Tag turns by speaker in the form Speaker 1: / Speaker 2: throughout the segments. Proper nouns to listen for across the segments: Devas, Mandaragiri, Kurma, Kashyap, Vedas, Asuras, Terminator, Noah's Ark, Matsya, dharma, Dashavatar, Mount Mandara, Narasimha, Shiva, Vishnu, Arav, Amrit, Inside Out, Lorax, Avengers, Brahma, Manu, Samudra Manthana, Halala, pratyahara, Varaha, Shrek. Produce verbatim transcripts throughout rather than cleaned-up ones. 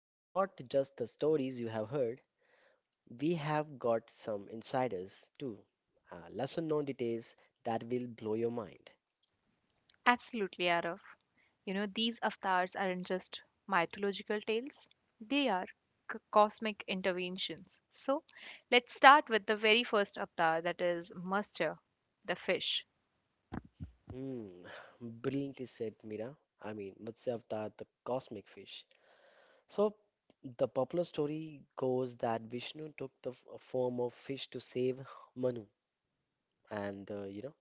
Speaker 1: But not just the stories you have heard, we have got some insiders too. Uh, lesson known details that will blow your mind.
Speaker 2: Absolutely, Arav. You know, these avatars aren't just mythological tales, they are c- cosmic interventions. So, let's start with the very first avatar that is Master, the fish.
Speaker 1: Hmm, brilliantly said, Mira. I mean, Matsya Avatar, the cosmic fish. So, the popular story goes that Vishnu took the f- form of fish to save Manu and uh, you know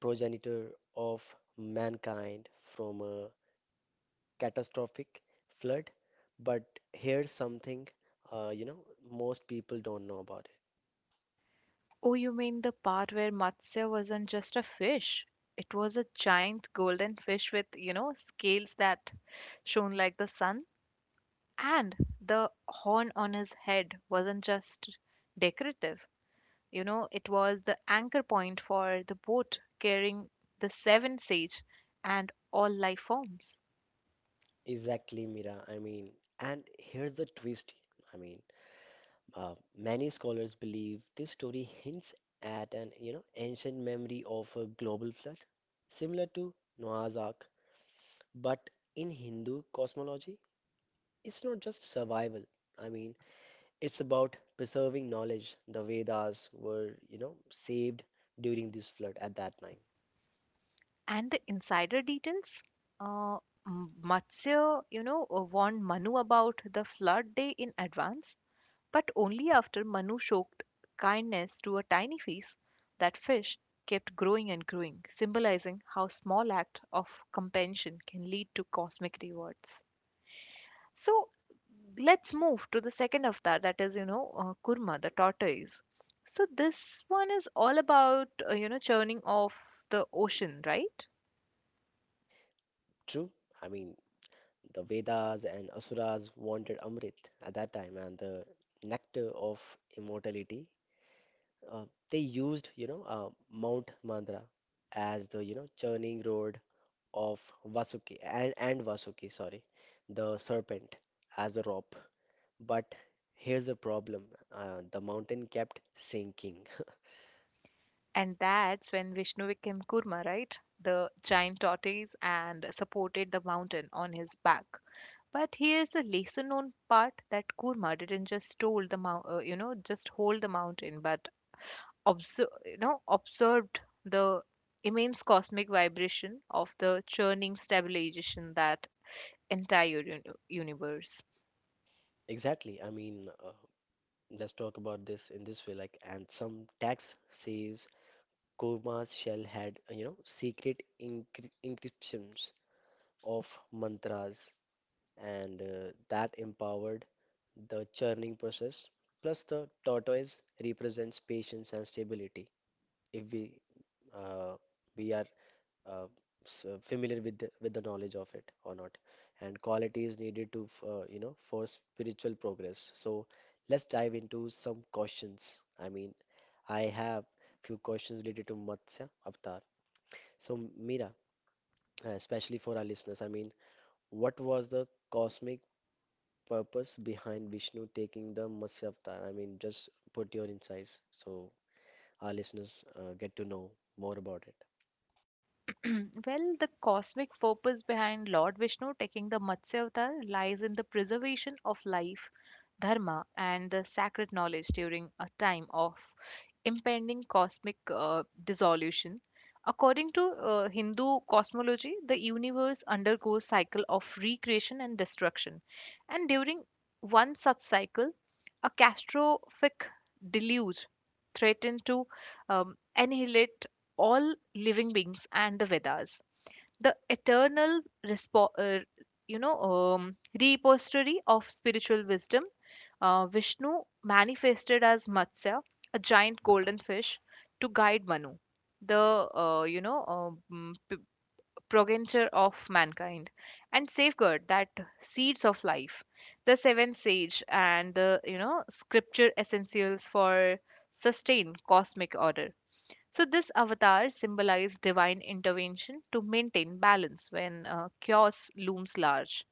Speaker 1: progenitor of mankind from a catastrophic flood, but here's something uh, you know most people don't know about
Speaker 2: Oh, you mean the part where Matsya wasn't just a fish? It was a giant golden fish with, you know, scales that shone like the sun. And the horn on his head wasn't just decorative. You know, it was the anchor point for the boat carrying the seven sage and all life forms.
Speaker 1: it. Exactly, Mira. I mean and here's the twist. i mean uh, Many scholars believe this story hints at an you know ancient memory of a global flood similar to Noah's Ark, but in Hindu cosmology it's not just survival. i mean It's about preserving knowledge. The Vedas were, you know, saved during this flood at that time.
Speaker 2: And the insider details? Uh, M- Matsya, you know, uh, warned Manu about the flood day in advance, but only after Manu showed kindness to a tiny fish, that fish kept growing and growing, symbolizing how small act of compassion can lead to cosmic rewards. So let's move to the second avatar that is you know uh, kurma, the tortoise. So this one is all about uh, you know, churning of the ocean, right?
Speaker 1: True? I mean, the Vedas and Asuras wanted Amrit at that time, and the nectar of immortality. Uh, they used, you know, uh, Mount Mandra as the, you know, churning road of Vasuki and, and Vasuki, sorry, the serpent as a rope. But here's the problem. Uh, the mountain kept sinking.
Speaker 2: And that's when Vishnu became Kurma, right? The giant tortoise and supported the mountain on his back. But here's the lesser known part that Kurma didn't just hold the mou- uh, you know, just hold the mountain, but observe you know, observed the immense cosmic vibration of the churning stabilization that entire uni- universe.
Speaker 1: Exactly. I mean, uh, Let's talk about this in this way, like, and some text says Kurma's shell had, uh, you know, secret encry encryptions of mantras, and uh, that empowered the churning process. Plus, the tortoise represents patience and stability. If we uh, we are uh, s- uh, familiar with the, with the knowledge of it or not, and quality is needed to, f- uh, you know, for spiritual progress. So let's dive into some questions. I mean, I have few questions related to Matsya Avatar. So, Meera, uh, especially for our listeners, I mean, what was the cosmic purpose behind Vishnu taking the Matsya Avatar? I mean, just put your insights so our listeners uh, get to know more about it.
Speaker 2: Well, the cosmic purpose behind Lord Vishnu taking the Matsya avatar lies in the preservation of life, dharma, and the sacred knowledge during a time of impending cosmic uh, dissolution. According to uh, Hindu cosmology, the universe undergoes cycle of recreation and destruction, and during one such cycle, a catastrophic deluge threatened to um, annihilate all living beings and the Vedas. The eternal, respo- uh, you know, um, repository of spiritual wisdom, uh, Vishnu manifested as Matsya, a giant golden fish, to guide Manu, the uh, you know uh, mm, p- progenitor of mankind, and safeguard that seeds of life. The seventh sage and the you know scripture essentials for sustain cosmic order. So, this avatar symbolized divine intervention to maintain balance when uh, chaos looms large.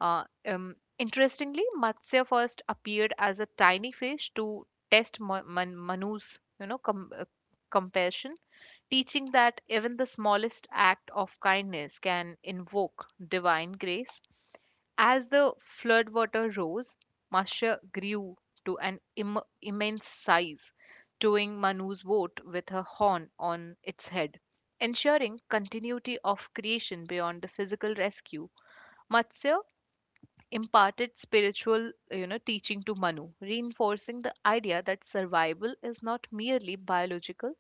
Speaker 2: Uh, um, interestingly, Matsya first appeared as a tiny fish to test Ma- Man- Manu's, you know, com- uh, compassion, teaching that even the smallest act of kindness can invoke divine grace as the floodwater rose, Masha grew to an Im- immense size, towing Manu's boat with her horn on its head, ensuring continuity of creation beyond the physical rescue. Matsya imparted spiritual you know teaching to Manu, reinforcing the idea that survival is not merely biological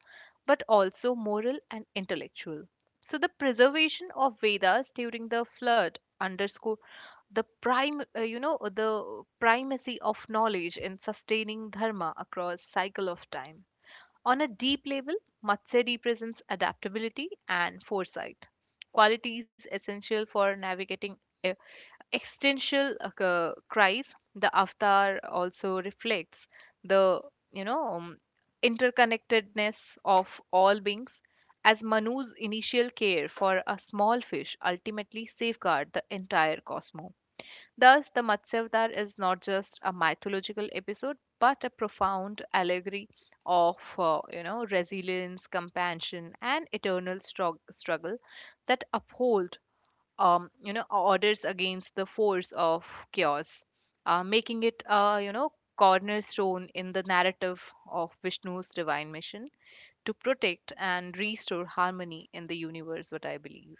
Speaker 2: but also moral and intellectual. So the preservation of Vedas during the flood underscore the prime uh, you know, the primacy of knowledge in sustaining dharma across cycle of time. On a deep level, Matsuri presents adaptability and foresight, qualities essential for navigating e- existential uh, c- cries. The avatar also reflects the you know um, interconnectedness of all beings, as Manu's initial care for a small fish ultimately safeguard the entire cosmos. Thus, the Matsyavatar is not just a mythological episode, but a profound allegory of, uh, you know, resilience, compassion, and eternal strug- struggle that uphold, um, you know, orders against the force of chaos, uh, making it, uh, you know, cornerstone in the narrative of Vishnu's divine mission to protect and restore harmony in the universe. What I believe.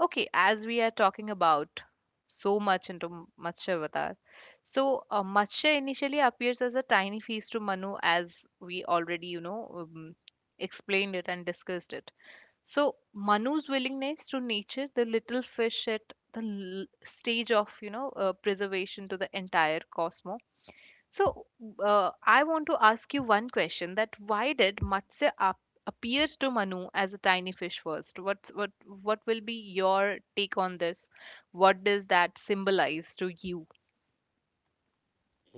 Speaker 2: Okay, as we are talking about so much into M- Matsya Avatar, so uh, Matsya initially appears as a tiny feast to Manu, as we already, you know, um, explained it and discussed it. So Manu's willingness to nature the little fish at the l- stage of, you know, uh, preservation to the entire cosmos. So, uh, I want to ask you one question, that why did Matsya ap- appear to Manu as a tiny fish first? What's what what will be your take on this? What does that symbolize to you?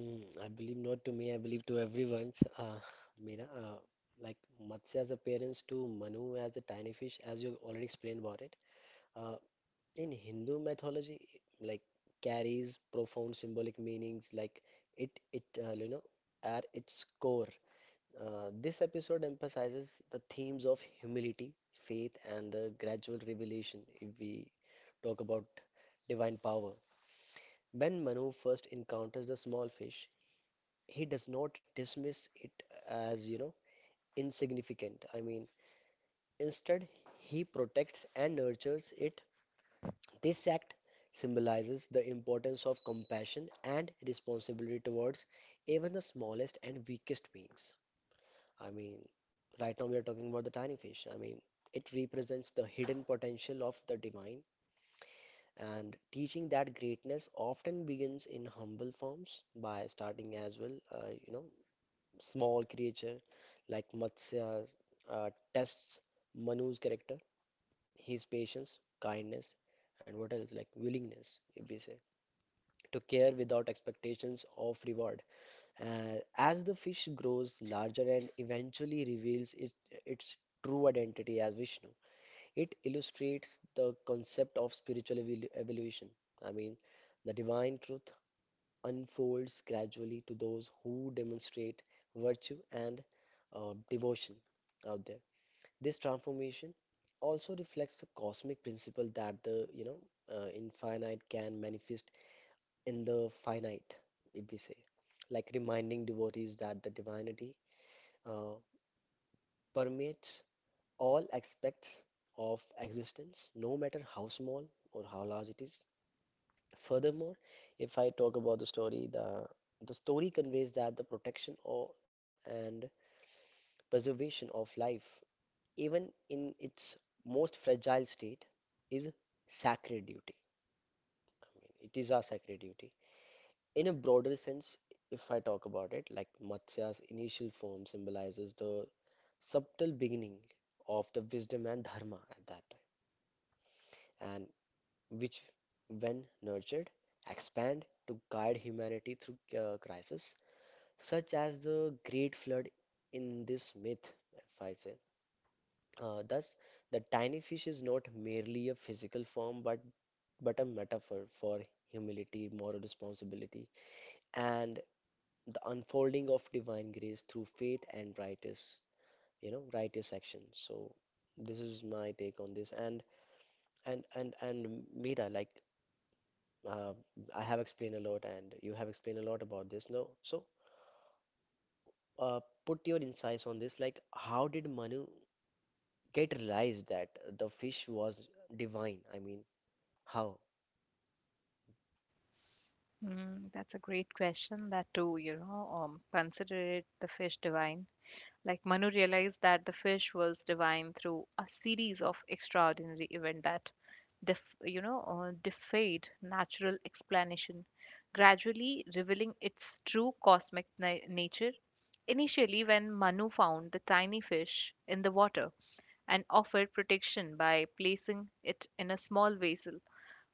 Speaker 1: Mm, I believe not to me, I believe to everyone's. Uh, Meera, uh, like Matsya's appearance to Manu as a tiny fish, as you already explained about it. Uh, In Hindu mythology, like, carries profound symbolic meanings, like it it uh, you know at its core. Uh, this episode emphasizes the themes of humility, faith, and the gradual revelation. If we talk about divine power, when Manu first encounters the small fish, he does not dismiss it as you know insignificant. I mean, instead, he protects and nurtures it. This act symbolizes the importance of compassion and responsibility towards even the smallest and weakest beings. I mean, right now we are talking about the tiny fish. I mean, it represents the hidden potential of the divine, and teaching that greatness often begins in humble forms. By starting as well, uh, you know, small creature like Matsya uh, tests Manu's character, his patience, kindness, and what else like willingness, if we say, to care without expectations of reward. Uh, as the fish grows larger and eventually reveals its, its true identity as Vishnu, it illustrates the concept of spiritual evol- evolution. I mean, the divine truth unfolds gradually to those who demonstrate virtue and uh, devotion out there. This transformation also reflects the cosmic principle that the you know uh, infinite can manifest in the finite, if we say, like reminding devotees that the divinity uh, permeates all aspects of existence, no matter how small or how large it is. Furthermore, if I talk about the story, the the story conveys that the protection or and preservation of life, even in its most fragile state, is sacred duty. It is our sacred duty. In a broader sense, if I talk about it, like Matsya's initial form symbolizes the subtle beginning of the wisdom and dharma at that time, and which, when nurtured, expand to guide humanity through uh, crisis, such as the Great Flood in this myth, if I say. Uh, thus, the tiny fish is not merely a physical form, but but a metaphor for humility, moral responsibility, and the unfolding of divine grace through faith and righteous, you know, righteous action. So this is my take on this. And and and and Mira, like uh, I have explained a lot, and you have explained a lot about this. No, so uh, put your insights on this. Like, how did Manu get realized that the fish was divine? I mean, how?
Speaker 2: Mm, that's a great question. That too, you know, um, consider it the fish divine. Like Manu realized that the fish was divine through a series of extraordinary events that, def- you know, uh, defied natural explanation, gradually revealing its true cosmic na- nature. Initially, when Manu found the tiny fish in the water and offered protection by placing it in a small vessel,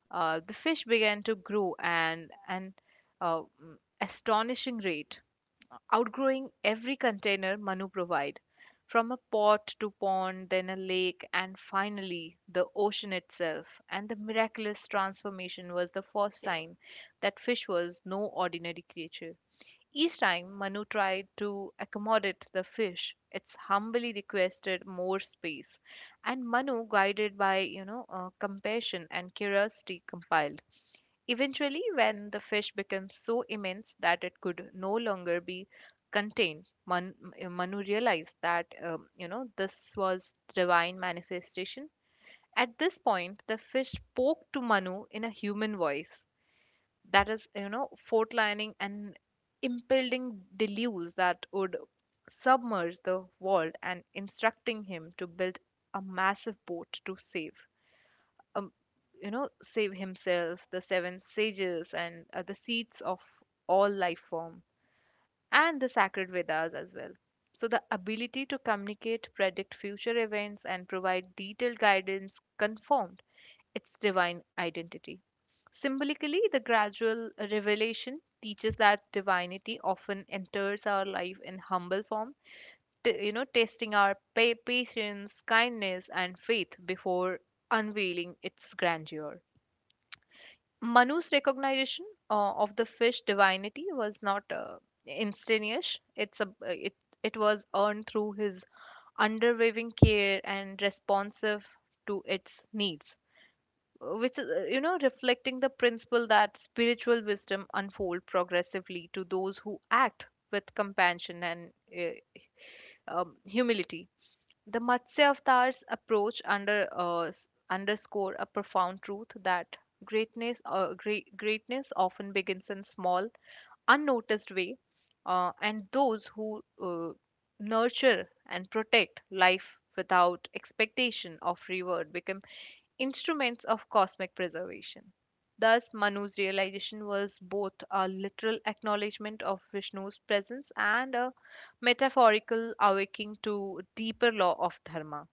Speaker 2: uh, the fish began to grow and an uh, mm, astonishing rate, outgrowing every container Manu provided, from a pot to pond, then a lake, and finally the ocean itself. And the miraculous transformation was the first sign that fish was no ordinary creature. Each time Manu tried to accommodate the fish, it humbly requested more space. And Manu, guided by you know uh, compassion and curiosity, compiled. Eventually, when the fish became so immense that it could no longer be contained, Man, Manu realized that um, you know, this was divine manifestation. At this point, the fish spoke to Manu in a human voice that is you know fortlining and impending deluge that would submerge the world, and instructing him to build a massive boat to save um, you know, save himself, the seven sages and uh, the seeds of all life form and the sacred Vedas as well. So, the ability to communicate, predict future events, and provide detailed guidance confirmed its divine identity. Symbolically, the gradual revelation teaches that divinity often enters our life in humble form, t- you know, testing our pa- patience, kindness, and faith before unveiling its grandeur. Manu's recognition uh, of the fish divinity was not uh, instantaneous. It's a it it was earned through his underwaving care and responsive to its needs, which is, uh, you know, reflecting the principle that spiritual wisdom unfold progressively to those who act with compassion and uh, um, humility. The Matsya Avatar's approach under, uh, s- underscore a profound truth that greatness, uh, great, greatness often begins in small, unnoticed way, uh, and those who uh, nurture and protect life without expectation of reward become instruments of cosmic preservation. Thus, Manu's realization was both a literal acknowledgement of Vishnu's presence and a metaphorical awakening to deeper law of dharma.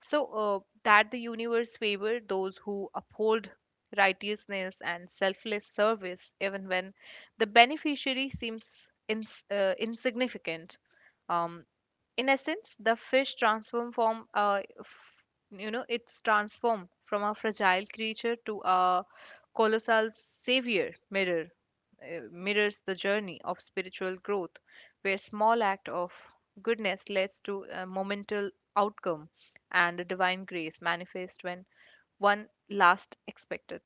Speaker 2: So, uh, that the universe favor those who uphold righteousness and selfless service, even when the beneficiary seems ins- uh, insignificant. Um, in essence, the fish transform from, uh, f- you know, it's transformed from a fragile creature to a colossal savior mirror. uh, Mirrors the journey of spiritual growth, where small act of goodness leads to a momental outcome and a divine grace manifest when one last expected.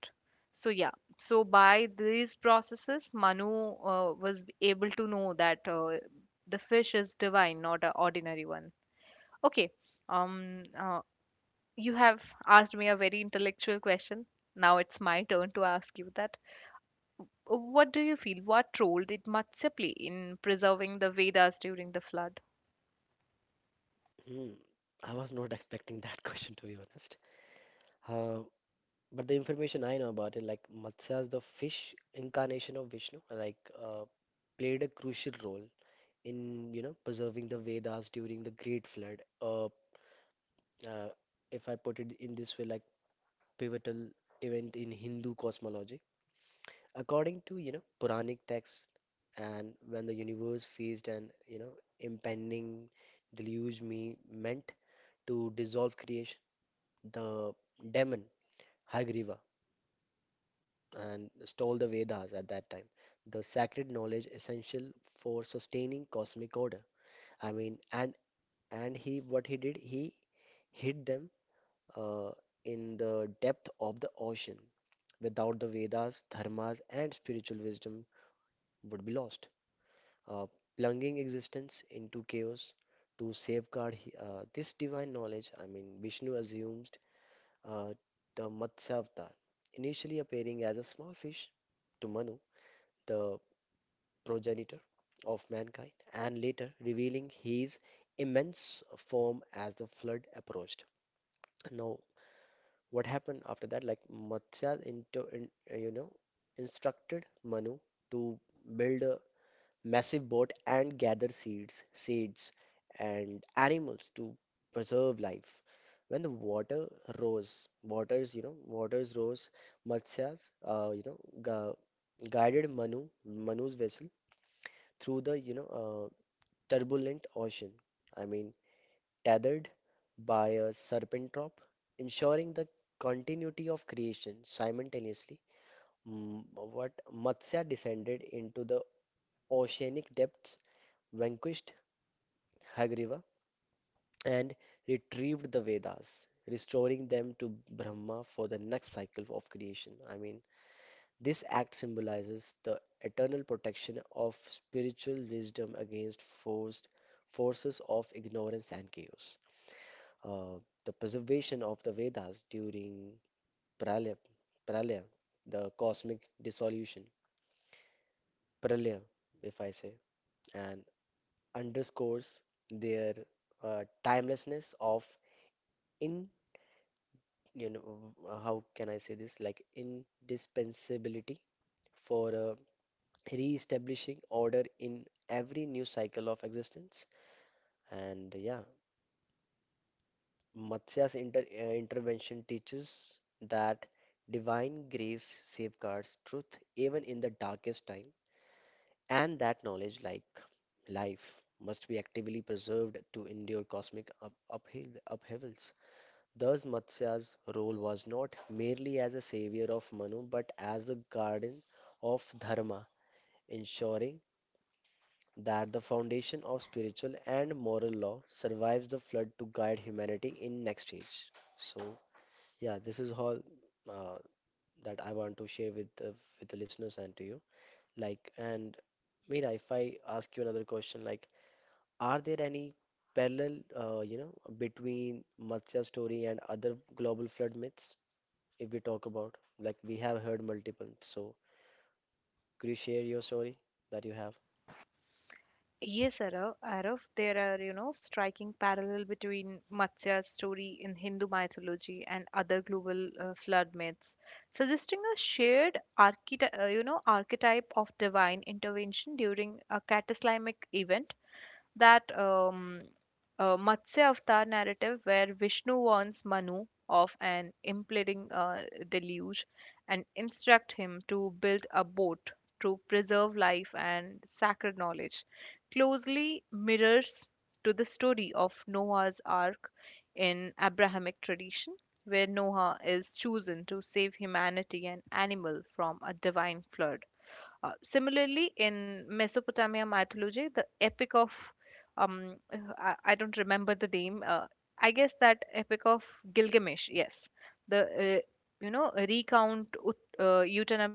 Speaker 2: So yeah, so by these processes, Manu uh, was able to know that uh, the fish is divine, not an ordinary one. Okay, um, uh, you have asked me a very intellectual question. Now it's my turn to ask you that. What do you feel? What role did Matsya play in preserving the Vedas during the flood?
Speaker 1: Hmm. I was not expecting that question, to be honest. Uh, But the information I know about it, like Matsya's the fish incarnation of Vishnu, like uh, played a crucial role in, you know, preserving the Vedas during the Great Flood. Uh, uh, if I put it in this way, like pivotal event in Hindu cosmology. According to, you know, Puranic texts, and when the universe faced an, you know, impending deluge me meant to dissolve creation, the demon, Hagriva, and stole the Vedas at that time, the sacred knowledge essential for sustaining cosmic order. I mean, and and he what he did, he hid them uh, in the depth of the ocean. Without the Vedas, dharmas, and spiritual wisdom would be lost, uh, plunging existence into chaos. To safeguard he- uh, this divine knowledge, I mean, Vishnu assumed uh, the Matsya avatar, initially appearing as a small fish to Manu. The progenitor of mankind, and later revealing his immense form as the flood approached. Now, what happened after that? Like Matsya, into, in, uh, you know, instructed Manu to build a massive boat and gather seeds, seeds, and animals to preserve life. When the water rose, waters, you know, waters rose, Matsya's, uh, you know, gu guided Manu, Manu's vessel through the, you know, uh, turbulent ocean. I mean, Tethered by a serpent rope, ensuring the continuity of creation simultaneously. M- What Matsya descended into the oceanic depths, vanquished Hagriva, and retrieved the Vedas, restoring them to Brahma for the next cycle of creation. I mean, this act symbolizes the eternal protection of spiritual wisdom against forced forces of ignorance and chaos. uh, the preservation of the Vedas during Pralaya, Pralaya, the cosmic dissolution, Pralaya, if I say, and underscores their uh, timelessness of in, you know, uh, how can I say this, like indispensability for uh, re-establishing order in every new cycle of existence. And yeah, Matsya's inter- uh, intervention teaches that divine grace safeguards truth even in the darkest time, and that knowledge, like life, must be actively preserved to endure cosmic up- upheav- upheavals. Thus, Matsya's role was not merely as a savior of Manu, but as a guardian of Dharma, ensuring that the foundation of spiritual and moral law survives the flood to guide humanity in next age. So, yeah, this is all uh, that I want to share with the, with the listeners and to you. Like, and Mira, if I ask you another question, like, are there any parallel, uh, you know, between Matsya story and other global flood myths? If we talk about, like, we have heard multiple. So, could you share your story that you have?
Speaker 2: Yes, Arav. Arav, there are, you know, striking parallel between Matsya's story in Hindu mythology and other global uh, flood myths, suggesting a shared archety- uh, you know, archetype of divine intervention during a cataclysmic event that um, uh, Matsya Avatar narrative where Vishnu warns Manu of an impending uh, deluge and instruct him to build a boat to preserve life and sacred knowledge closely mirrors to the story of Noah's Ark in Abrahamic tradition, where Noah is chosen to save humanity and animal from a divine flood. Uh, similarly, in Mesopotamia mythology, the epic of um, I, I don't remember the name. Uh, I guess that epic of Gilgamesh. Yes, the uh, you know recount ut, uh, Utanap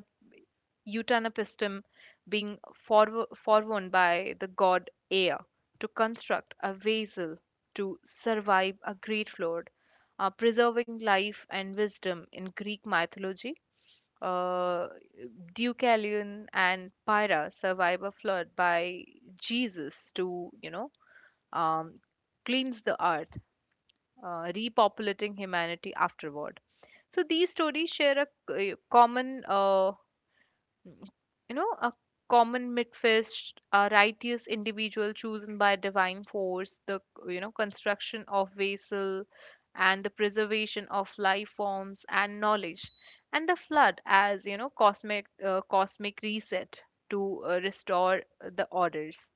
Speaker 2: Utanapistum being forw- forewarned by the god Ea to construct a vessel to survive a great flood, uh, preserving life and wisdom in Greek mythology. Uh, Deucalion and Pyrrha survive a flood by Jesus to, you know, um, cleanse the earth, uh, repopulating humanity afterward. So these stories share a c- common uh, you know, a common midfist, a righteous individual chosen by divine force, the you know construction of vessel, and the preservation of life forms and knowledge, and the flood as you know cosmic uh, cosmic reset to uh, restore the orders.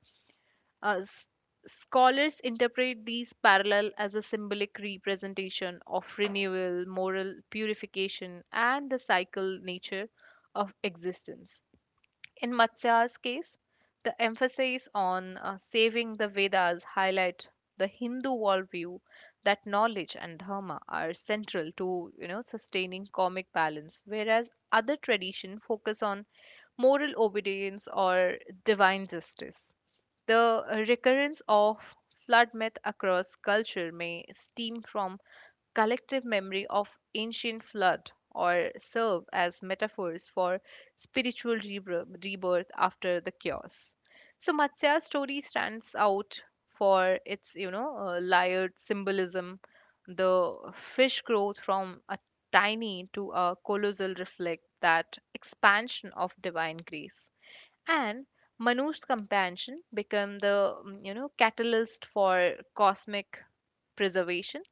Speaker 2: Uh, s- Scholars interpret these parallel as a symbolic representation of renewal, moral purification, and the cycle nature of existence. In Matsya's case, the emphasis on uh, saving the Vedas highlight the Hindu worldview that knowledge and dharma are central to you know sustaining karmic balance, whereas other tradition focus on moral obedience or divine justice. The recurrence of flood myth across culture may stem from collective memory of ancient flood or serve as metaphors for spiritual rebirth rebirth after the chaos. So Matsya's story stands out for its you know uh, layered symbolism. The fish growth from a tiny to a colossal reflect that expansion of divine grace and Manu's compassion become the mm, you know catalyst for cosmic preservation.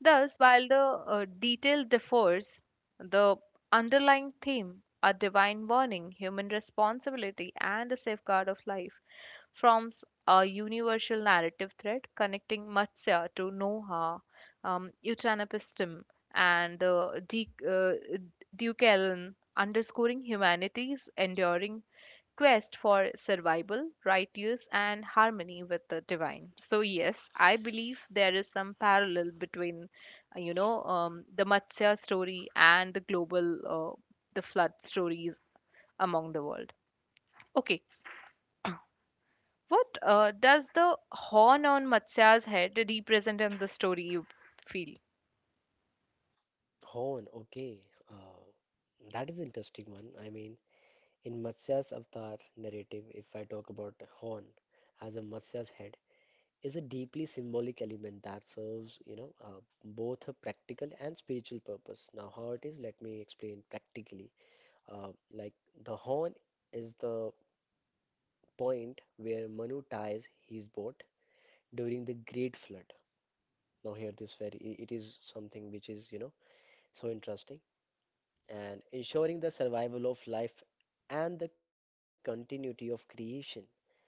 Speaker 2: Thus, while the uh, detail differs, the underlying theme, a divine warning, human responsibility, and a safeguard of life, forms a universal narrative thread connecting Matsya to Noah, um, Utanapistum, and uh, De- uh, Deucalion, underscoring humanity's enduring quest for survival, righteous, and harmony with the divine. So, yes, I believe there is some parallel between uh, you know, um, the Matsya story and the global, uh, the flood stories among the world. Okay, what uh, does the horn on Matsya's head represent in the story you feel?
Speaker 1: Horn, okay. Uh, that is interesting one. I mean, in Matsya's avatar narrative, if I talk about Horn as a Matsya's head, is a deeply symbolic element that serves, you know, uh, both a practical and spiritual purpose. Now, how it is, let me explain practically. Uh, like the horn is the point where Manu ties his boat during the great flood. Now, here this very, i- it is something which is, you know, so interesting, and ensuring the survival of life and the continuity of creation.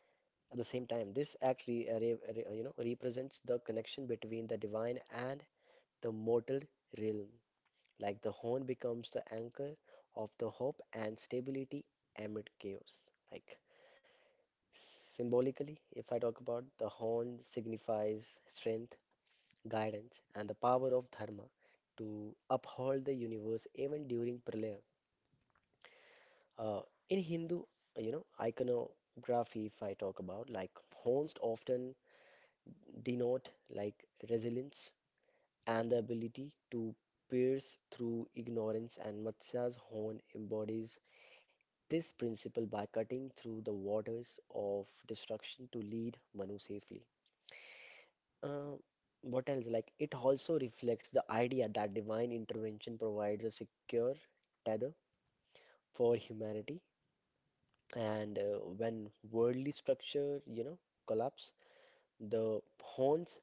Speaker 1: At the same time, this act re, uh, re, re- uh, you know represents the connection between the divine and the mortal realm. Like the horn becomes the anchor of the hope and stability amid chaos. Like symbolically, if I talk about, the horn signifies strength, guidance, and the power of dharma to uphold the universe even during pralaya. Uh, in Hindu, you know, iconography, if I talk about, like horns often denote like resilience, and the ability to pierce through ignorance, and Matsya's horn embodies this principle by cutting through the waters of destruction to lead Manu safely. Uh, what else? Like, it also reflects the idea that divine intervention provides a secure tether for humanity, and uh, when worldly structure, you know, collapse, the horn's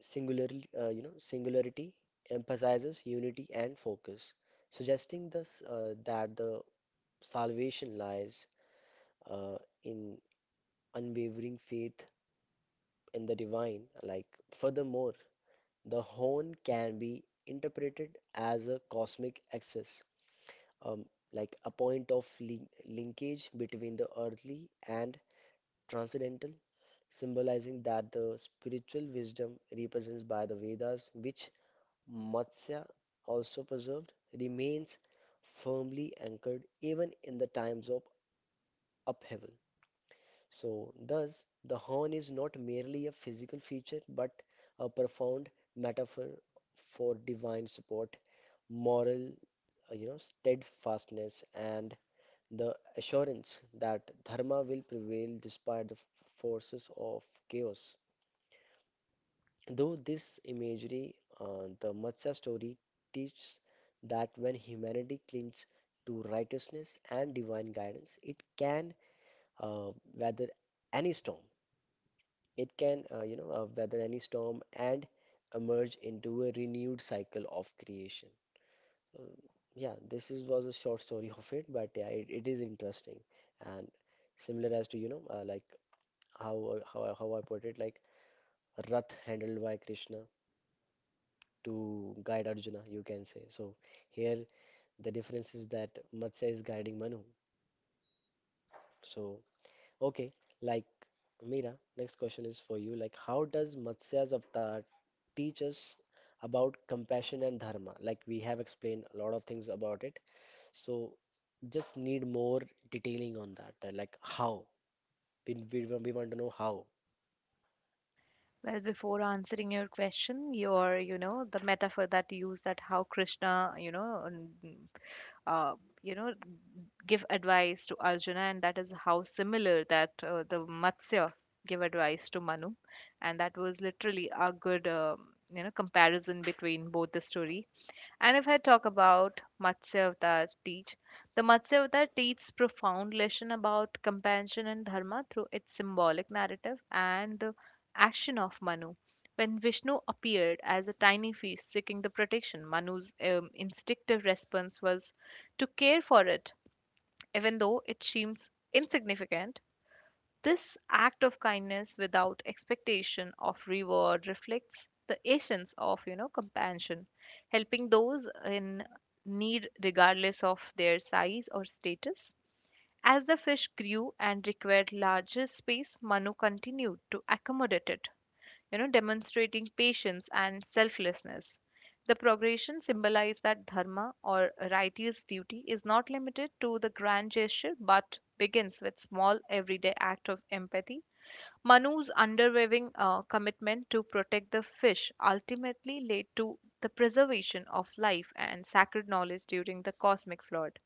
Speaker 1: Singularly, uh, you know, singularity emphasizes unity and focus, suggesting thus uh, that the salvation lies uh, in unwavering faith in the divine. Like, furthermore, the horn can be interpreted as a cosmic axis, um, like a point of lin- linkage between the earthly and transcendental, symbolizing that the spiritual wisdom represents by the Vedas, which Matsya, also preserved, remains firmly anchored even in the times of upheaval. So, thus, the horn is not merely a physical feature but a profound metaphor for divine support, moral, uh, you know, steadfastness, and the assurance that dharma will prevail despite the forces of chaos. Though this imagery, uh, the Matsya story teaches that when humanity clings to righteousness and divine guidance, it can uh, weather any storm. It can, uh, you know, uh, weather any storm and emerge into a renewed cycle of creation. So, yeah, this is was a short story of it, but yeah, it, it is interesting and similar as to you know, uh, like how how how I put it, like a Rath handled by Krishna to guide Arjuna, you can say. So here the difference is that Matsya is guiding Manu. So okay, like Meera, next question is for you. Like how does Matsya's avatar teach us about compassion and dharma? Like we have explained a lot of things about it. So just need more detailing on that. uh, Like how? We, we, we want to know how.
Speaker 2: Well, before answering your question, your, you know, the metaphor that you use that how Krishna, you know, n- uh, you know, give advice to Arjuna, and that is how similar that uh, the Matsya give advice to Manu, and that was literally a good, uh, you know, comparison between both the story. And if I talk about Matsya Avatar teach, the Matsya Avatar teaches profound lesson about compassion and dharma through its symbolic narrative and the action of Manu. When Vishnu appeared as a tiny fish seeking the protection, Manu's um, instinctive response was to care for it, even though it seems insignificant. This act of kindness without expectation of reward reflects the essence of you know compassion, helping those in need regardless of their size or status. As the fish grew and required larger space, Manu continued to accommodate it, you know, demonstrating patience and selflessness. The progression symbolized that dharma or righteous duty is not limited to the grand gesture but begins with small everyday act of empathy. Manu's unwavering uh, commitment to protect the fish ultimately led to the preservation of life and sacred knowledge during the cosmic flood,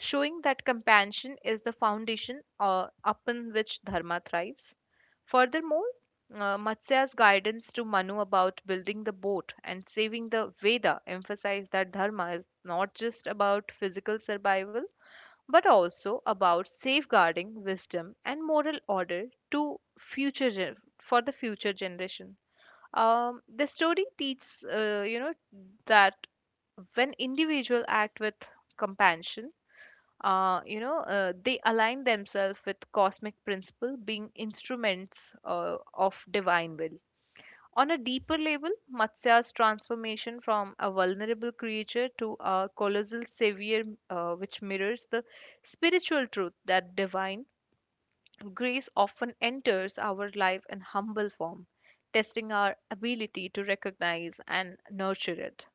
Speaker 2: showing that compassion is the foundation uh, upon which dharma thrives. Furthermore, uh, Matsya's guidance to Manu about building the boat and saving the Veda emphasized that dharma is not just about physical survival but also about safeguarding wisdom and moral order to future gen- for the future generation. Um, the story teaches, uh, you know, that when individuals act with compassion uh, you know, uh, they align themselves with cosmic principle, being instruments uh, of divine will. On a deeper level, Matsya's transformation from a vulnerable creature to a colossal savior, uh, which mirrors the spiritual truth that divine grace often enters our life in humble form, testing our ability to recognize and nurture it.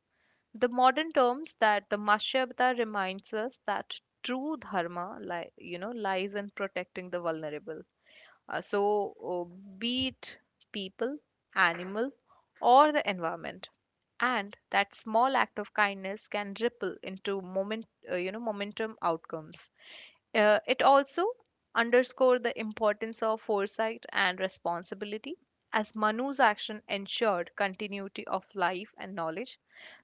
Speaker 2: The modern terms that the mashyabda reminds us that true dharma li- you know lies in protecting the vulnerable, uh, so, uh, be it people, animal, or the environment, and that small act of kindness can ripple into moment, uh, you know, momentum outcomes. Uh, it also underscored the importance of foresight and responsibility, as Manu's action ensured continuity of life and knowledge.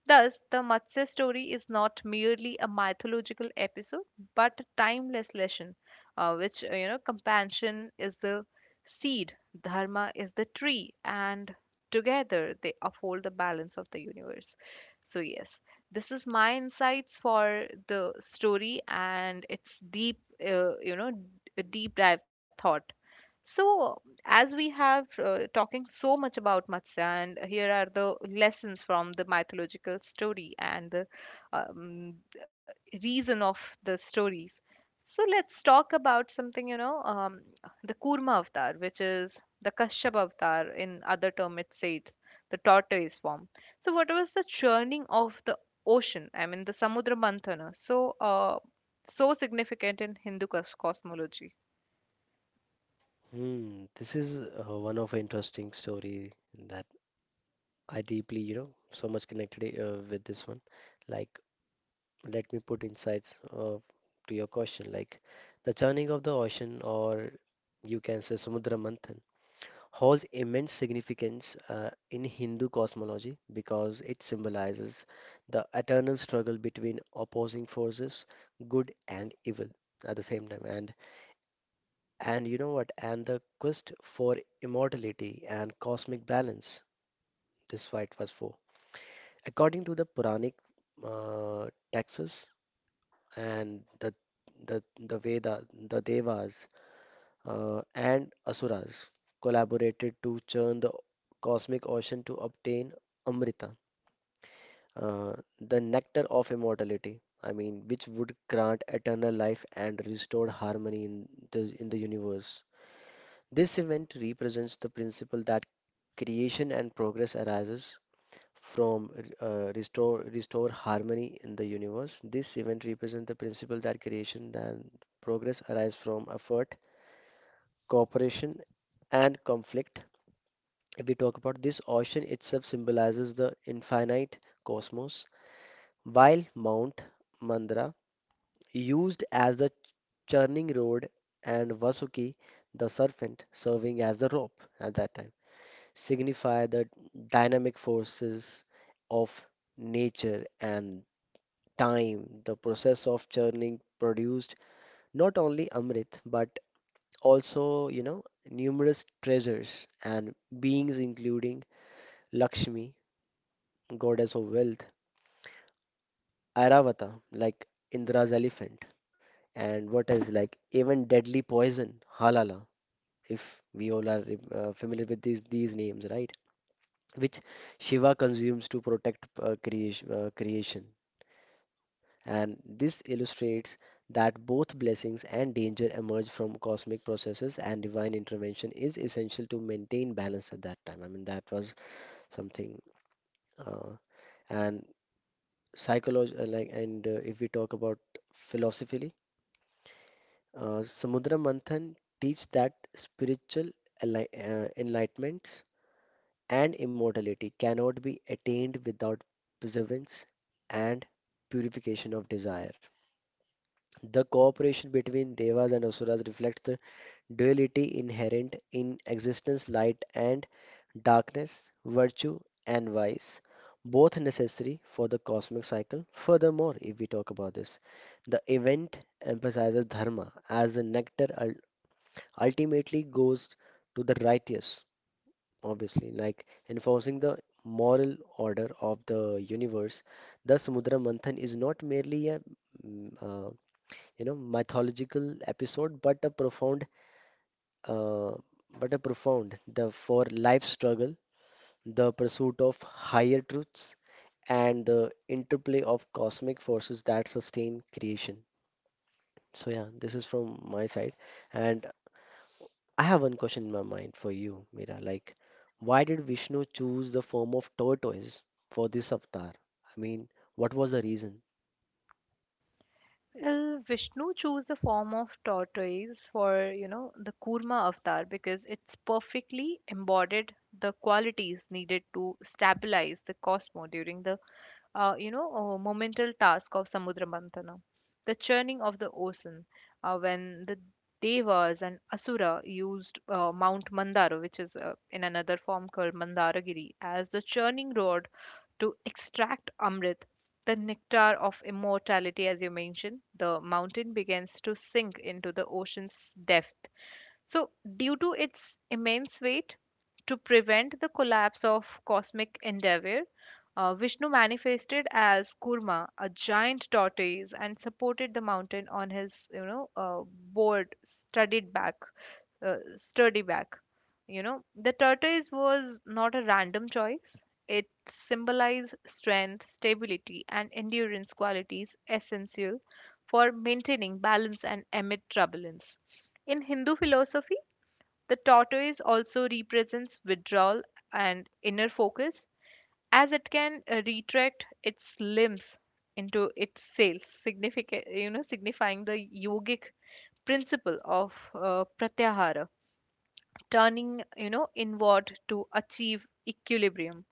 Speaker 2: Thus, the Matsya story is not merely a mythological episode, but a timeless lesson, uh, which uh, you know compassion is the seed, dharma is the tree, and together they uphold the balance of the universe. So yes, this is my insights for the story and its deep, uh, you know, d- deep dive thought. So, as we have uh, talking so much about Matsya, and here are the lessons from the mythological story and the um, reason of the stories. So let's talk about something, you know, um, the Kurma avatar, which is the Kashyap avatar. In other term, it's said the tortoise form. So what was the churning of the ocean? I mean, the Samudra Manthana. So, uh, so significant in Hindu cos- cosmology.
Speaker 1: Hmm, this is uh, one of interesting story that I deeply, you know, so much connected uh, with this one. Like let me put insights uh, to your question like the churning of the ocean or you can say samudra manthan holds immense significance uh, in Hindu cosmology because it symbolizes the eternal struggle between opposing forces, good and evil at the same time, and and you know what and the quest for immortality and cosmic balance. This fight was for, according to the puranic uh, texts and the the the Veda, the Devas uh, and Asuras collaborated to churn the cosmic ocean to obtain Amrita, uh, the nectar of immortality. I mean, which would grant eternal life and restore harmony in the in the universe. This event represents the principle that creation and progress arises from uh, restore restore harmony in the universe. This event represents the principle that creation and progress arise from effort, cooperation, and conflict. If we talk about this, ocean itself symbolizes the infinite cosmos, while Mount Mandara, used as the churning rod, and Vasuki, the serpent, serving as the rope at that time, signify the dynamic forces of nature and time. The process of churning produced not only Amrit but also, you know, numerous treasures and beings including Lakshmi, goddess of wealth, Airavata, like Indra's elephant, and what else, like even deadly poison, Halala, if we all are uh, familiar with these these names, right? Which Shiva consumes to protect uh, creation, uh, creation. And this illustrates that both blessings and danger emerge from cosmic processes and divine intervention is essential to maintain balance at that time. I mean, that was something, uh, and psychology, uh, like. And uh, if we talk about philosophically, uh, samudra manthan teach that spiritual enli- uh, enlightenments and immortality cannot be attained without perseverance and purification of desire. The cooperation between devas and asuras reflects the duality inherent in existence, light and darkness, virtue and vice, both necessary for the cosmic cycle. Furthermore, if we talk about this, the event emphasizes dharma as the nectar ul- ultimately goes to the righteous, obviously, like enforcing the moral order of the universe. Thus, Mudra Manthan is not merely a mm, uh, you know, mythological episode, but a profound, uh, but a profound the for life struggle, the pursuit of higher truths, and the interplay of cosmic forces that sustain creation. So yeah, this is from my side, and I have one question in my mind for you, Mira. Like, why did Vishnu choose the form of tortoise for this avatar? I mean, what was the reason?
Speaker 2: Well, Vishnu chose the form of tortoise for, you know, the Kurma avatar because it's perfectly embodied the qualities needed to stabilize the Cosmo during the, uh, you know, uh, momental task of Samudra Mantana, the churning of the ocean, uh, when the Devas and Asura used uh, Mount Mandara, which is uh, in another form called Mandaragiri, as the churning rod to extract Amrit, the nectar of immortality, as you mentioned. The mountain begins to sink into the ocean's depth, so, due to its immense weight, to prevent the collapse of cosmic endeavor, uh, Vishnu manifested as Kurma, a giant tortoise, and supported the mountain on his, you know, uh, board, studded back, uh, sturdy back. You know, the tortoise was not a random choice. It symbolized strength, stability, and endurance qualities essential for maintaining balance and amid turbulence. In Hindu philosophy, the tortoise also represents withdrawal and inner focus, as it can uh, retract its limbs into its sails, significant, you know, signifying the yogic principle of uh, pratyahara, turning you know inward to achieve equilibrium.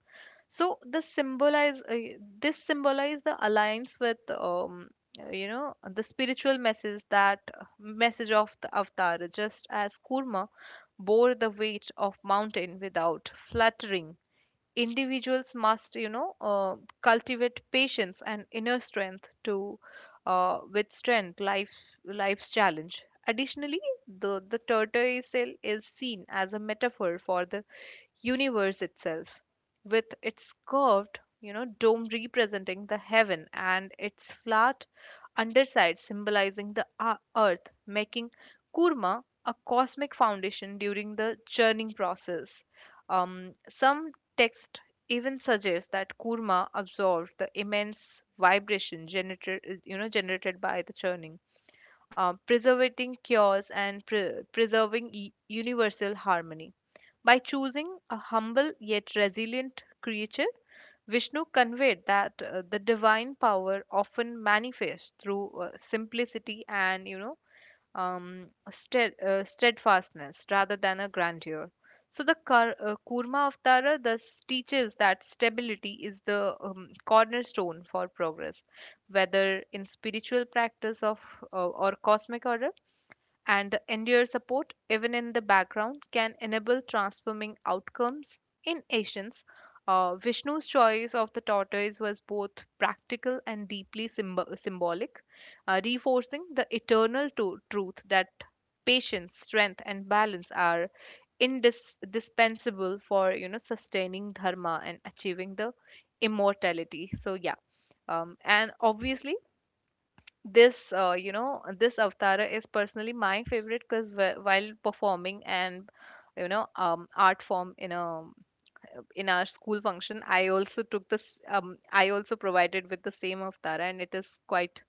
Speaker 2: So the symbolize uh, this symbolize the alliance with um, uh, you know the spiritual message that uh, message of the avatar. Just as Kurma bore the weight of mountain without fluttering, individuals must you know uh, cultivate patience and inner strength to uh, withstand life life's challenge. Additionally, the the tortoise shell is seen as a metaphor for the universe itself, with its curved, you know, dome representing the heaven and its flat underside symbolizing the a- earth, making Kurma a cosmic foundation during the churning process. Um, some texts even suggest that Kurma absorbed the immense vibration generated, you know, generated by the churning, uh, preserving chaos and pre- preserving e- universal harmony. By choosing a humble yet resilient creature, Vishnu conveyed that uh, the divine power often manifests through uh, simplicity and you know um, stead, uh, steadfastness rather than a grandeur. So the Kar, uh, Kurma Avtara thus teaches that stability is the um, cornerstone for progress, whether in spiritual practice of uh, or cosmic order, and the endear support, even in the background, can enable transforming outcomes. In Asians, uh, Vishnu's choice of the tortoise was both practical and deeply symb- symbolic, uh, reinforcing the eternal to- truth that patience, strength, and balance are indispensable for you know sustaining dharma and achieving the immortality. So yeah, um, and obviously this uh, you know this Avtara is personally my favorite because wh- while performing and you know um, art form in a in our school function, I also took this um, I also provided with the same Avtara, and it is quite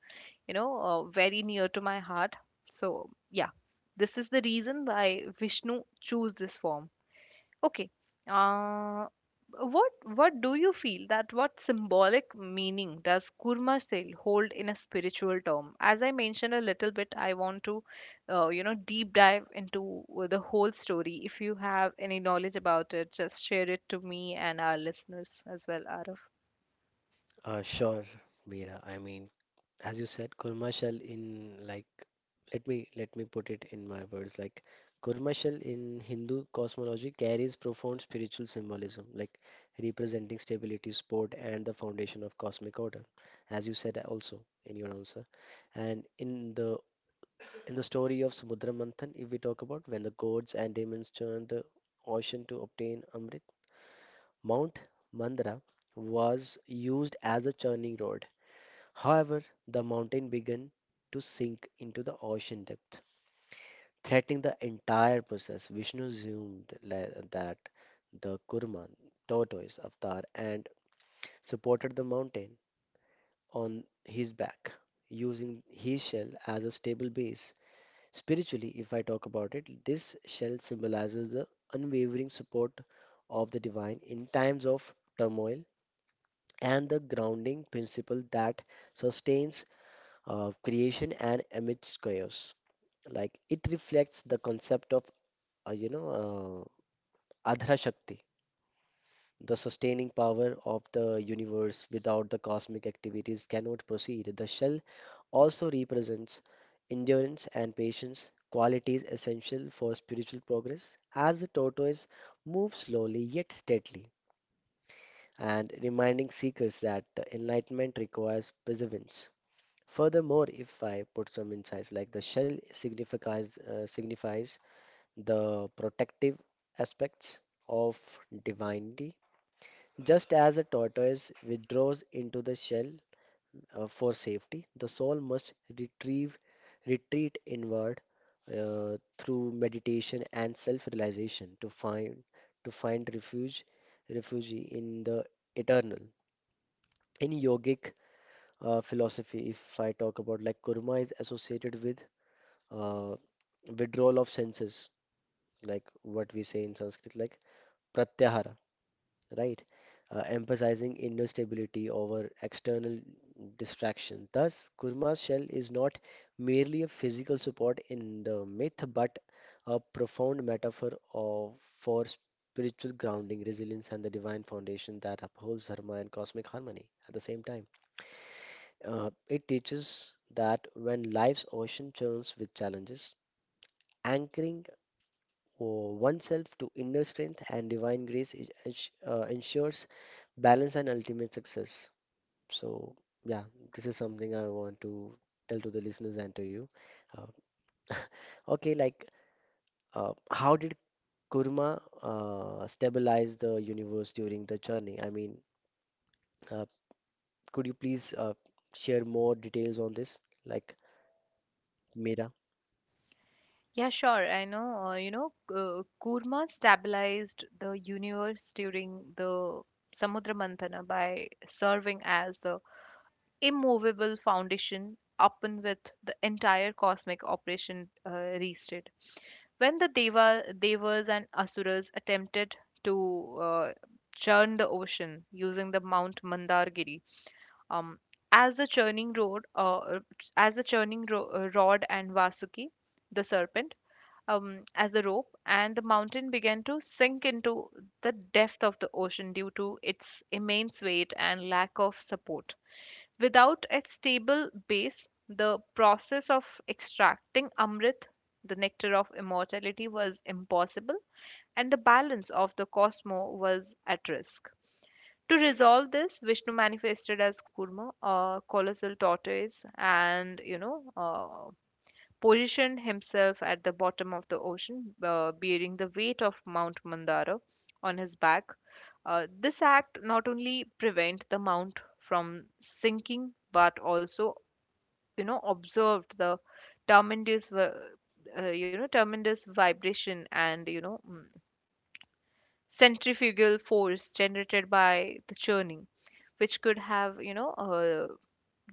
Speaker 2: you know uh, very near to my heart. So yeah, this is the reason why Vishnu chose this form. Okay. Uh, what what do you feel, that what symbolic meaning does kurma sale hold in a spiritual term? As I mentioned a little bit, I want to, uh, you know, deep dive into uh, the whole story. If you have any knowledge about it, just share it to me and our listeners as well, Arif.
Speaker 1: Uh, sure, Mira. I mean, as you said, commercial in, like let me let me put it in my words, like commercial in Hindu cosmology carries profound spiritual symbolism, like representing stability, support, and the foundation of cosmic order, as you said also in your answer. And in the in the story of Samudra Manthan, if we talk about, when the gods and demons churn the ocean to obtain Amrit, Mount Mandara was used as a churning rod. However, the mountain began to sink into the ocean depth, threatening the entire process. Vishnu assumed le- that the Kurman, tortoise avatar, and supported the mountain on his back, using his shell as a stable base. Spiritually, if I talk about it, this shell symbolizes the unwavering support of the divine in times of turmoil and the grounding principle that sustains uh, creation and amidst chaos. Like it reflects the concept of uh, you know uh, Adhra Shakti, the sustaining power of the universe, without the cosmic activities cannot proceed. The shell also represents endurance and patience, qualities essential for spiritual progress, as the tortoise moves slowly yet steadily, and reminding seekers that the enlightenment requires perseverance. Furthermore, if I put some insights, like the shell signifies uh, signifies the protective aspects of divinity. Just as a tortoise withdraws into the shell uh, for safety, the soul must retrieve retreat inward uh, through meditation and self-realization to find to find refuge refuge in the eternal. In yogic uh, philosophy, if I talk about, like kurma is associated with uh, withdrawal of senses, like what we say in Sanskrit, like pratyahara, right? Uh, emphasizing inner stability over external distraction. Thus, kurma's shell is not merely a physical support in the myth, but a profound metaphor of, for spiritual grounding, resilience, and the divine foundation that upholds dharma and cosmic harmony at the same time. Uh, it teaches that when life's ocean churns with challenges, anchoring oh, oneself to inner strength and divine grace i- ens- uh, ensures balance and ultimate success. So, yeah, this is something I want to tell to the listeners and to you. Uh, okay, like, uh, how did Kurma uh, stabilize the universe during the journey? I mean, uh, could you please uh, share more details on this? Like, Mira?
Speaker 2: Yeah, sure. I know, uh, you know, uh, Kurma stabilized the universe during the Samudra Mantana by serving as the immovable foundation upon which the entire cosmic operation uh, rested. When the Deva, Devas and Asuras attempted to uh, churn the ocean using the Mount Mandargiri, um, as the churning rod, uh, as the churning ro- uh, rod and Vasuki, the serpent, um, as the rope, and the mountain began to sink into the depth of the ocean due to its immense weight and lack of support. Without a stable base, the process of extracting Amrit, the nectar of immortality, was impossible, and the balance of the cosmos was at risk. To resolve this, Vishnu manifested as Kurma, a colossal tortoise, and you know, uh, positioned himself at the bottom of the ocean, uh, bearing the weight of Mount Mandara on his back. Uh, this act not only prevent the mount from sinking, but also, you know, observed the tremendous, vi- uh, you know, tremendous vibration and you know, mm, centrifugal force generated by the churning, which could have, you know, uh,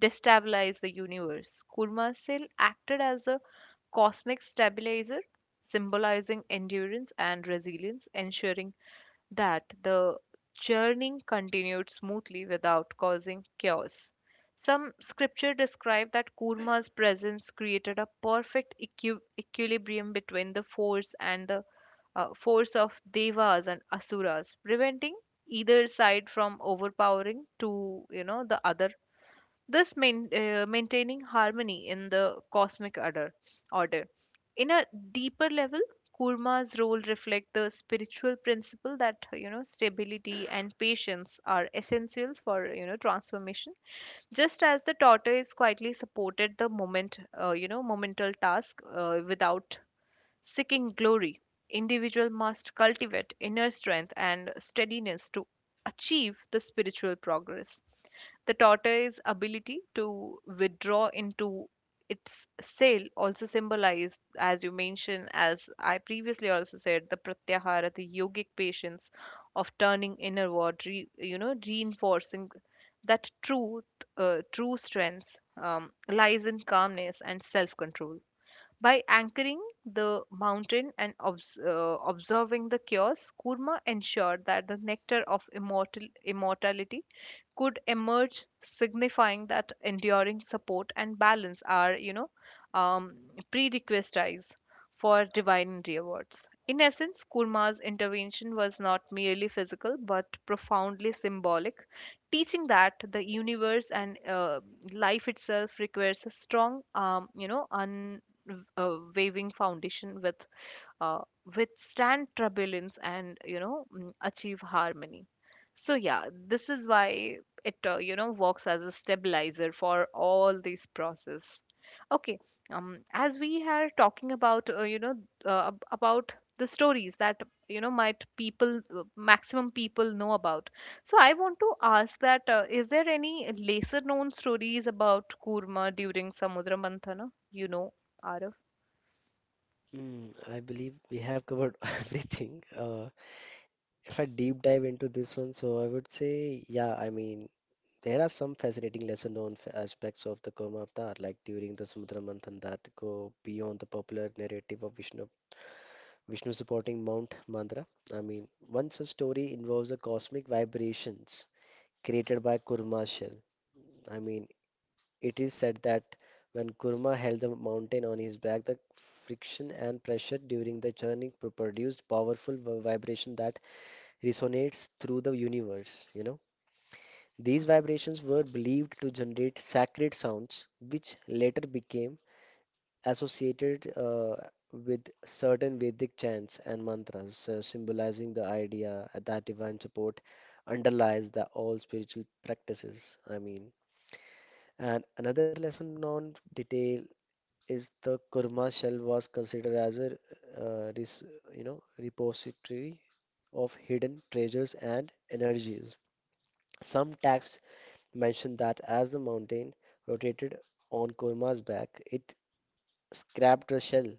Speaker 2: destabilize the universe. Kurma acted as a cosmic stabilizer, symbolizing endurance and resilience, ensuring that the journey continued smoothly without causing chaos. Some scripture describe that Kurma's presence created a perfect equi- equilibrium between the force and the uh, force of devas and asuras, preventing either side from overpowering to you know the other, this main, uh, maintaining harmony in the cosmic order. order. In a deeper level, Kurma's role reflect the spiritual principle that you know stability and patience are essentials for you know transformation. Just as the tortoise quietly supported the moment, uh, you know, momental task uh, without seeking glory, individual must cultivate inner strength and steadiness to achieve the spiritual progress. The tortoise's ability to withdraw into its sail also symbolized, as you mentioned, as I previously also said, the pratyahara, the yogic patience of turning inward, re, you know, reinforcing that truth, uh, true strength um, lies in calmness and self-control. By anchoring the mountain and obs- uh, observing the chaos, Kurma ensured that the nectar of immortal- immortality could emerge, signifying that enduring support and balance are, you know, um, prerequisites for divine rewards. In essence, Kurma's intervention was not merely physical but profoundly symbolic, teaching that the universe and uh, life itself requires a strong, um, you know, un uh, waving foundation with uh, withstand turbulence and you know mm, achieve harmony. So yeah, this is why it uh, you know works as a stabilizer for all these process. Okay. um as we are talking about uh, you know uh, ab- about the stories that you know might people uh, maximum people know about, so I want to ask that uh, is there any lesser known stories about kurma during samudra manthana, you know, Arav?
Speaker 1: Mm, I believe we have covered everything. Uh, if I deep dive into this one, so I would say, yeah, I mean, there are some fascinating lesser known f- aspects of the Kurma avatar, like during the Samudra Manthan, that go beyond the popular narrative of Vishnu, Vishnu supporting Mount Mandara. I mean, one such story involves the cosmic vibrations created by Kurma shell. I mean, it is said that when Kurma held the mountain on his back, the friction and pressure during the journey pro- produced powerful vi- vibration that resonates through the universe, you know. These vibrations were believed to generate sacred sounds, which later became associated uh, with certain Vedic chants and mantras, uh, symbolizing the idea that divine support underlies the all spiritual practices. I mean, and another lesson known detail is the kurma shell was considered as a uh, res, you know repository of hidden treasures and energies. Some texts mentioned that as the mountain rotated on Kurma's back, it scrapped her shell,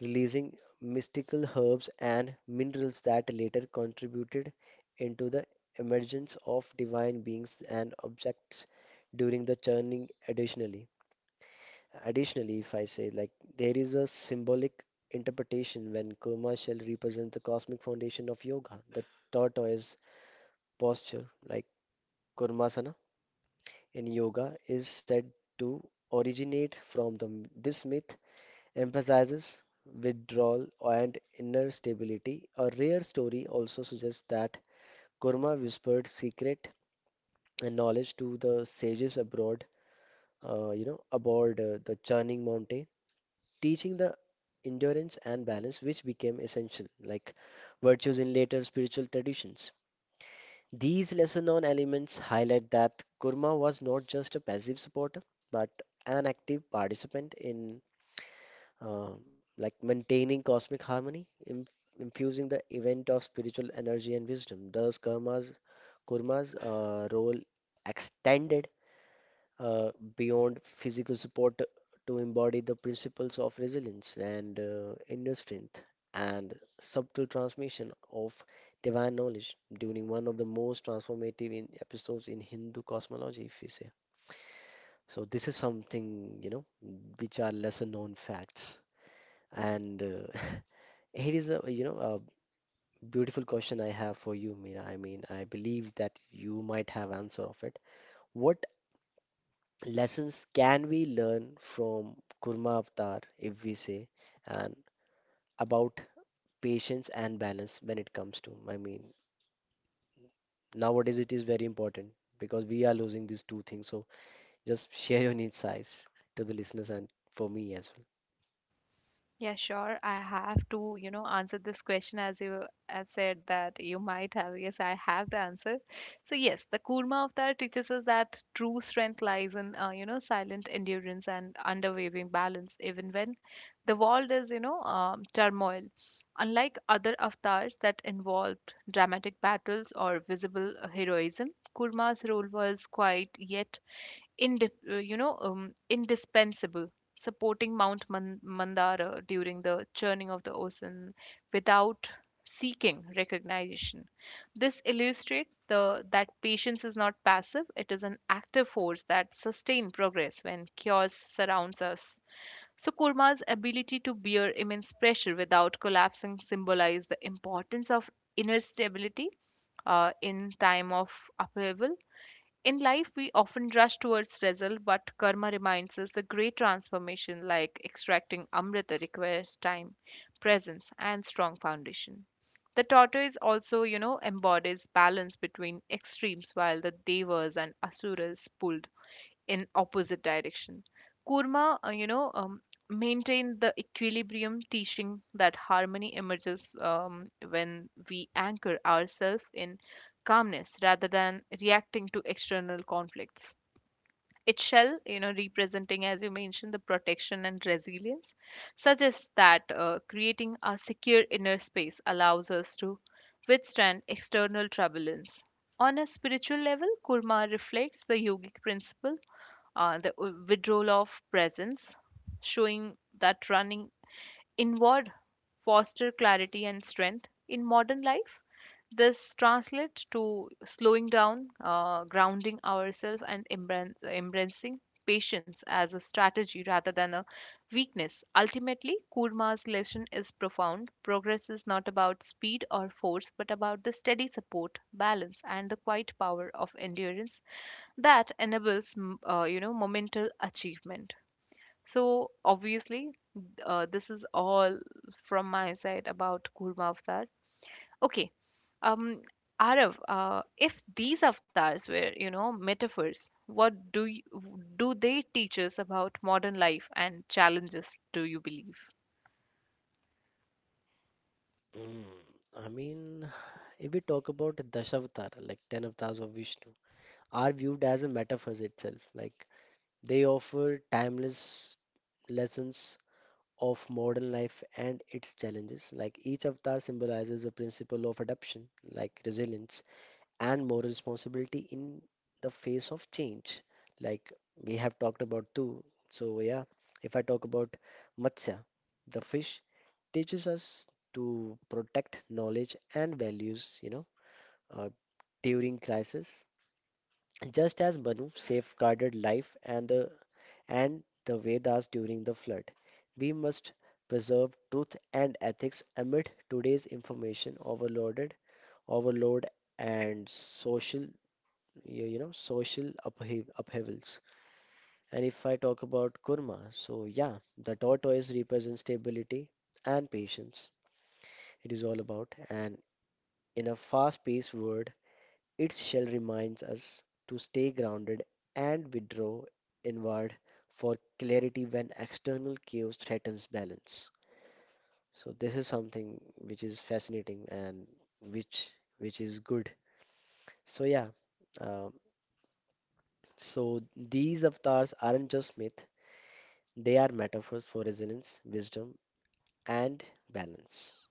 Speaker 1: releasing mystical herbs and minerals that later contributed into the emergence of divine beings and objects during the churning. Additionally additionally, if I say, like there is a symbolic interpretation when kurma shell represents the cosmic foundation of yoga, the tortoise posture, like kurmasana in yoga, is said to originate from the this myth, emphasizes withdrawal and inner stability. A rare story also suggests that Kurma whispered secret and knowledge to the sages abroad, uh, you know, aboard uh, the churning mountain, teaching the endurance and balance, which became essential, like virtues in later spiritual traditions. These lesser known elements highlight that Kurma was not just a passive supporter, but an active participant in, uh, like maintaining cosmic harmony, inf infusing the event of spiritual energy and wisdom. Thus, Kurma's, Kurma's uh, role extended uh, beyond physical support to embody the principles of resilience and uh, inner strength and subtle transmission of divine knowledge during one of the most transformative in episodes in Hindu cosmology, if we say. So this is something, you know, which are lesser known facts. And uh, here is a, you know, a beautiful question I have for you, Meera. I mean, I believe that you might have answer of it. What lessons can we learn from Kurma Avatar, if we say, and about patience and balance when it comes to, I mean, nowadays it is very important because we are losing these two things. So just share your insights to the listeners and for me as
Speaker 2: Yeah, sure. I have to, you know, answer this question as you have said that you might have. Yes, I have the answer. So yes, the Kurma Avatar teaches us that true strength lies in, uh, you know, silent endurance and unwavering balance, even when the world is, you know, um, turmoil. Unlike other avatars that involved dramatic battles or visible uh, heroism, Kurma's role was quiet yet indip- uh, you know um, indispensable, supporting Mount Man- Mandara during the churning of the ocean without seeking recognition. This illustrates the that patience is not passive; it is an active force that sustains progress when chaos surrounds us. So, Kurma's ability to bear immense pressure without collapsing symbolized the importance of inner stability uh, in time of upheaval. In life, we often rush towards result, but karma reminds us the great transformation, like extracting amrita, requires time, presence, and strong foundation. The tortoise also, you know, embodies balance between extremes, while the devas and asuras pulled in opposite direction. Kurma, uh, you know, um, maintain the equilibrium, teaching that harmony emerges um, when we anchor ourselves in calmness rather than reacting to external conflicts. Its shell, you know, representing, as you mentioned, the protection and resilience, suggests that uh, creating a secure inner space allows us to withstand external turbulence. On a spiritual level, Kurma reflects the yogic principle, uh, the w- withdrawal of presence, showing that running inward foster clarity and strength in modern life. This translates to slowing down, uh, grounding ourselves, and embran- embracing patience as a strategy rather than a weakness. Ultimately, Kurma's lesson is profound. Progress is not about speed or force, but about the steady support, balance, and the quiet power of endurance that enables, m- uh, you know, momental achievement. So obviously, uh, this is all from my side about Kurma Avatar. Okay. Um, Arav, uh, if these avatars were, you know, metaphors, what do you, do they teach us about modern life and challenges, do you believe?
Speaker 1: well. Mm, I mean, if we talk about Dashavatar, like ten avatars of Vishnu, are viewed as a metaphor itself. Like they offer timeless lessons of modern life and its challenges. Like each avatar symbolizes a principle of adaptation, like resilience and moral responsibility in the face of change. Like we have talked about too. So yeah, if I talk about Matsya, the fish teaches us to protect knowledge and values, you know, uh, during crisis. Just as Banu safeguarded life and the and the Vedas during the flood. We must preserve truth and ethics amid today's information overloaded, overload and social you you know social upheav- upheavals. And if I talk about kurma, so yeah, the tortoise represents stability and patience. It is all about, and in a fast-paced world, its shell reminds us to stay grounded and withdraw inward for clarity when external chaos threatens balance. So this is something which is fascinating and which which is good. So yeah, um, so these avatars aren't just myth; they are metaphors for resilience, wisdom, and balance.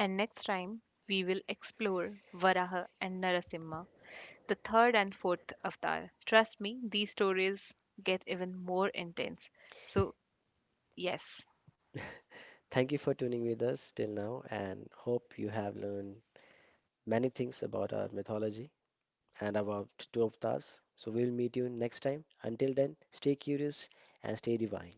Speaker 2: And next time, we will explore Varaha and Narasimha, the third and fourth avatar. Trust me, these stories get even more intense. So, yes,
Speaker 1: Thank you for tuning with us till now, and hope you have learned many things about our mythology and about twelve of. So we'll meet you next time. Until then, stay curious and stay divine.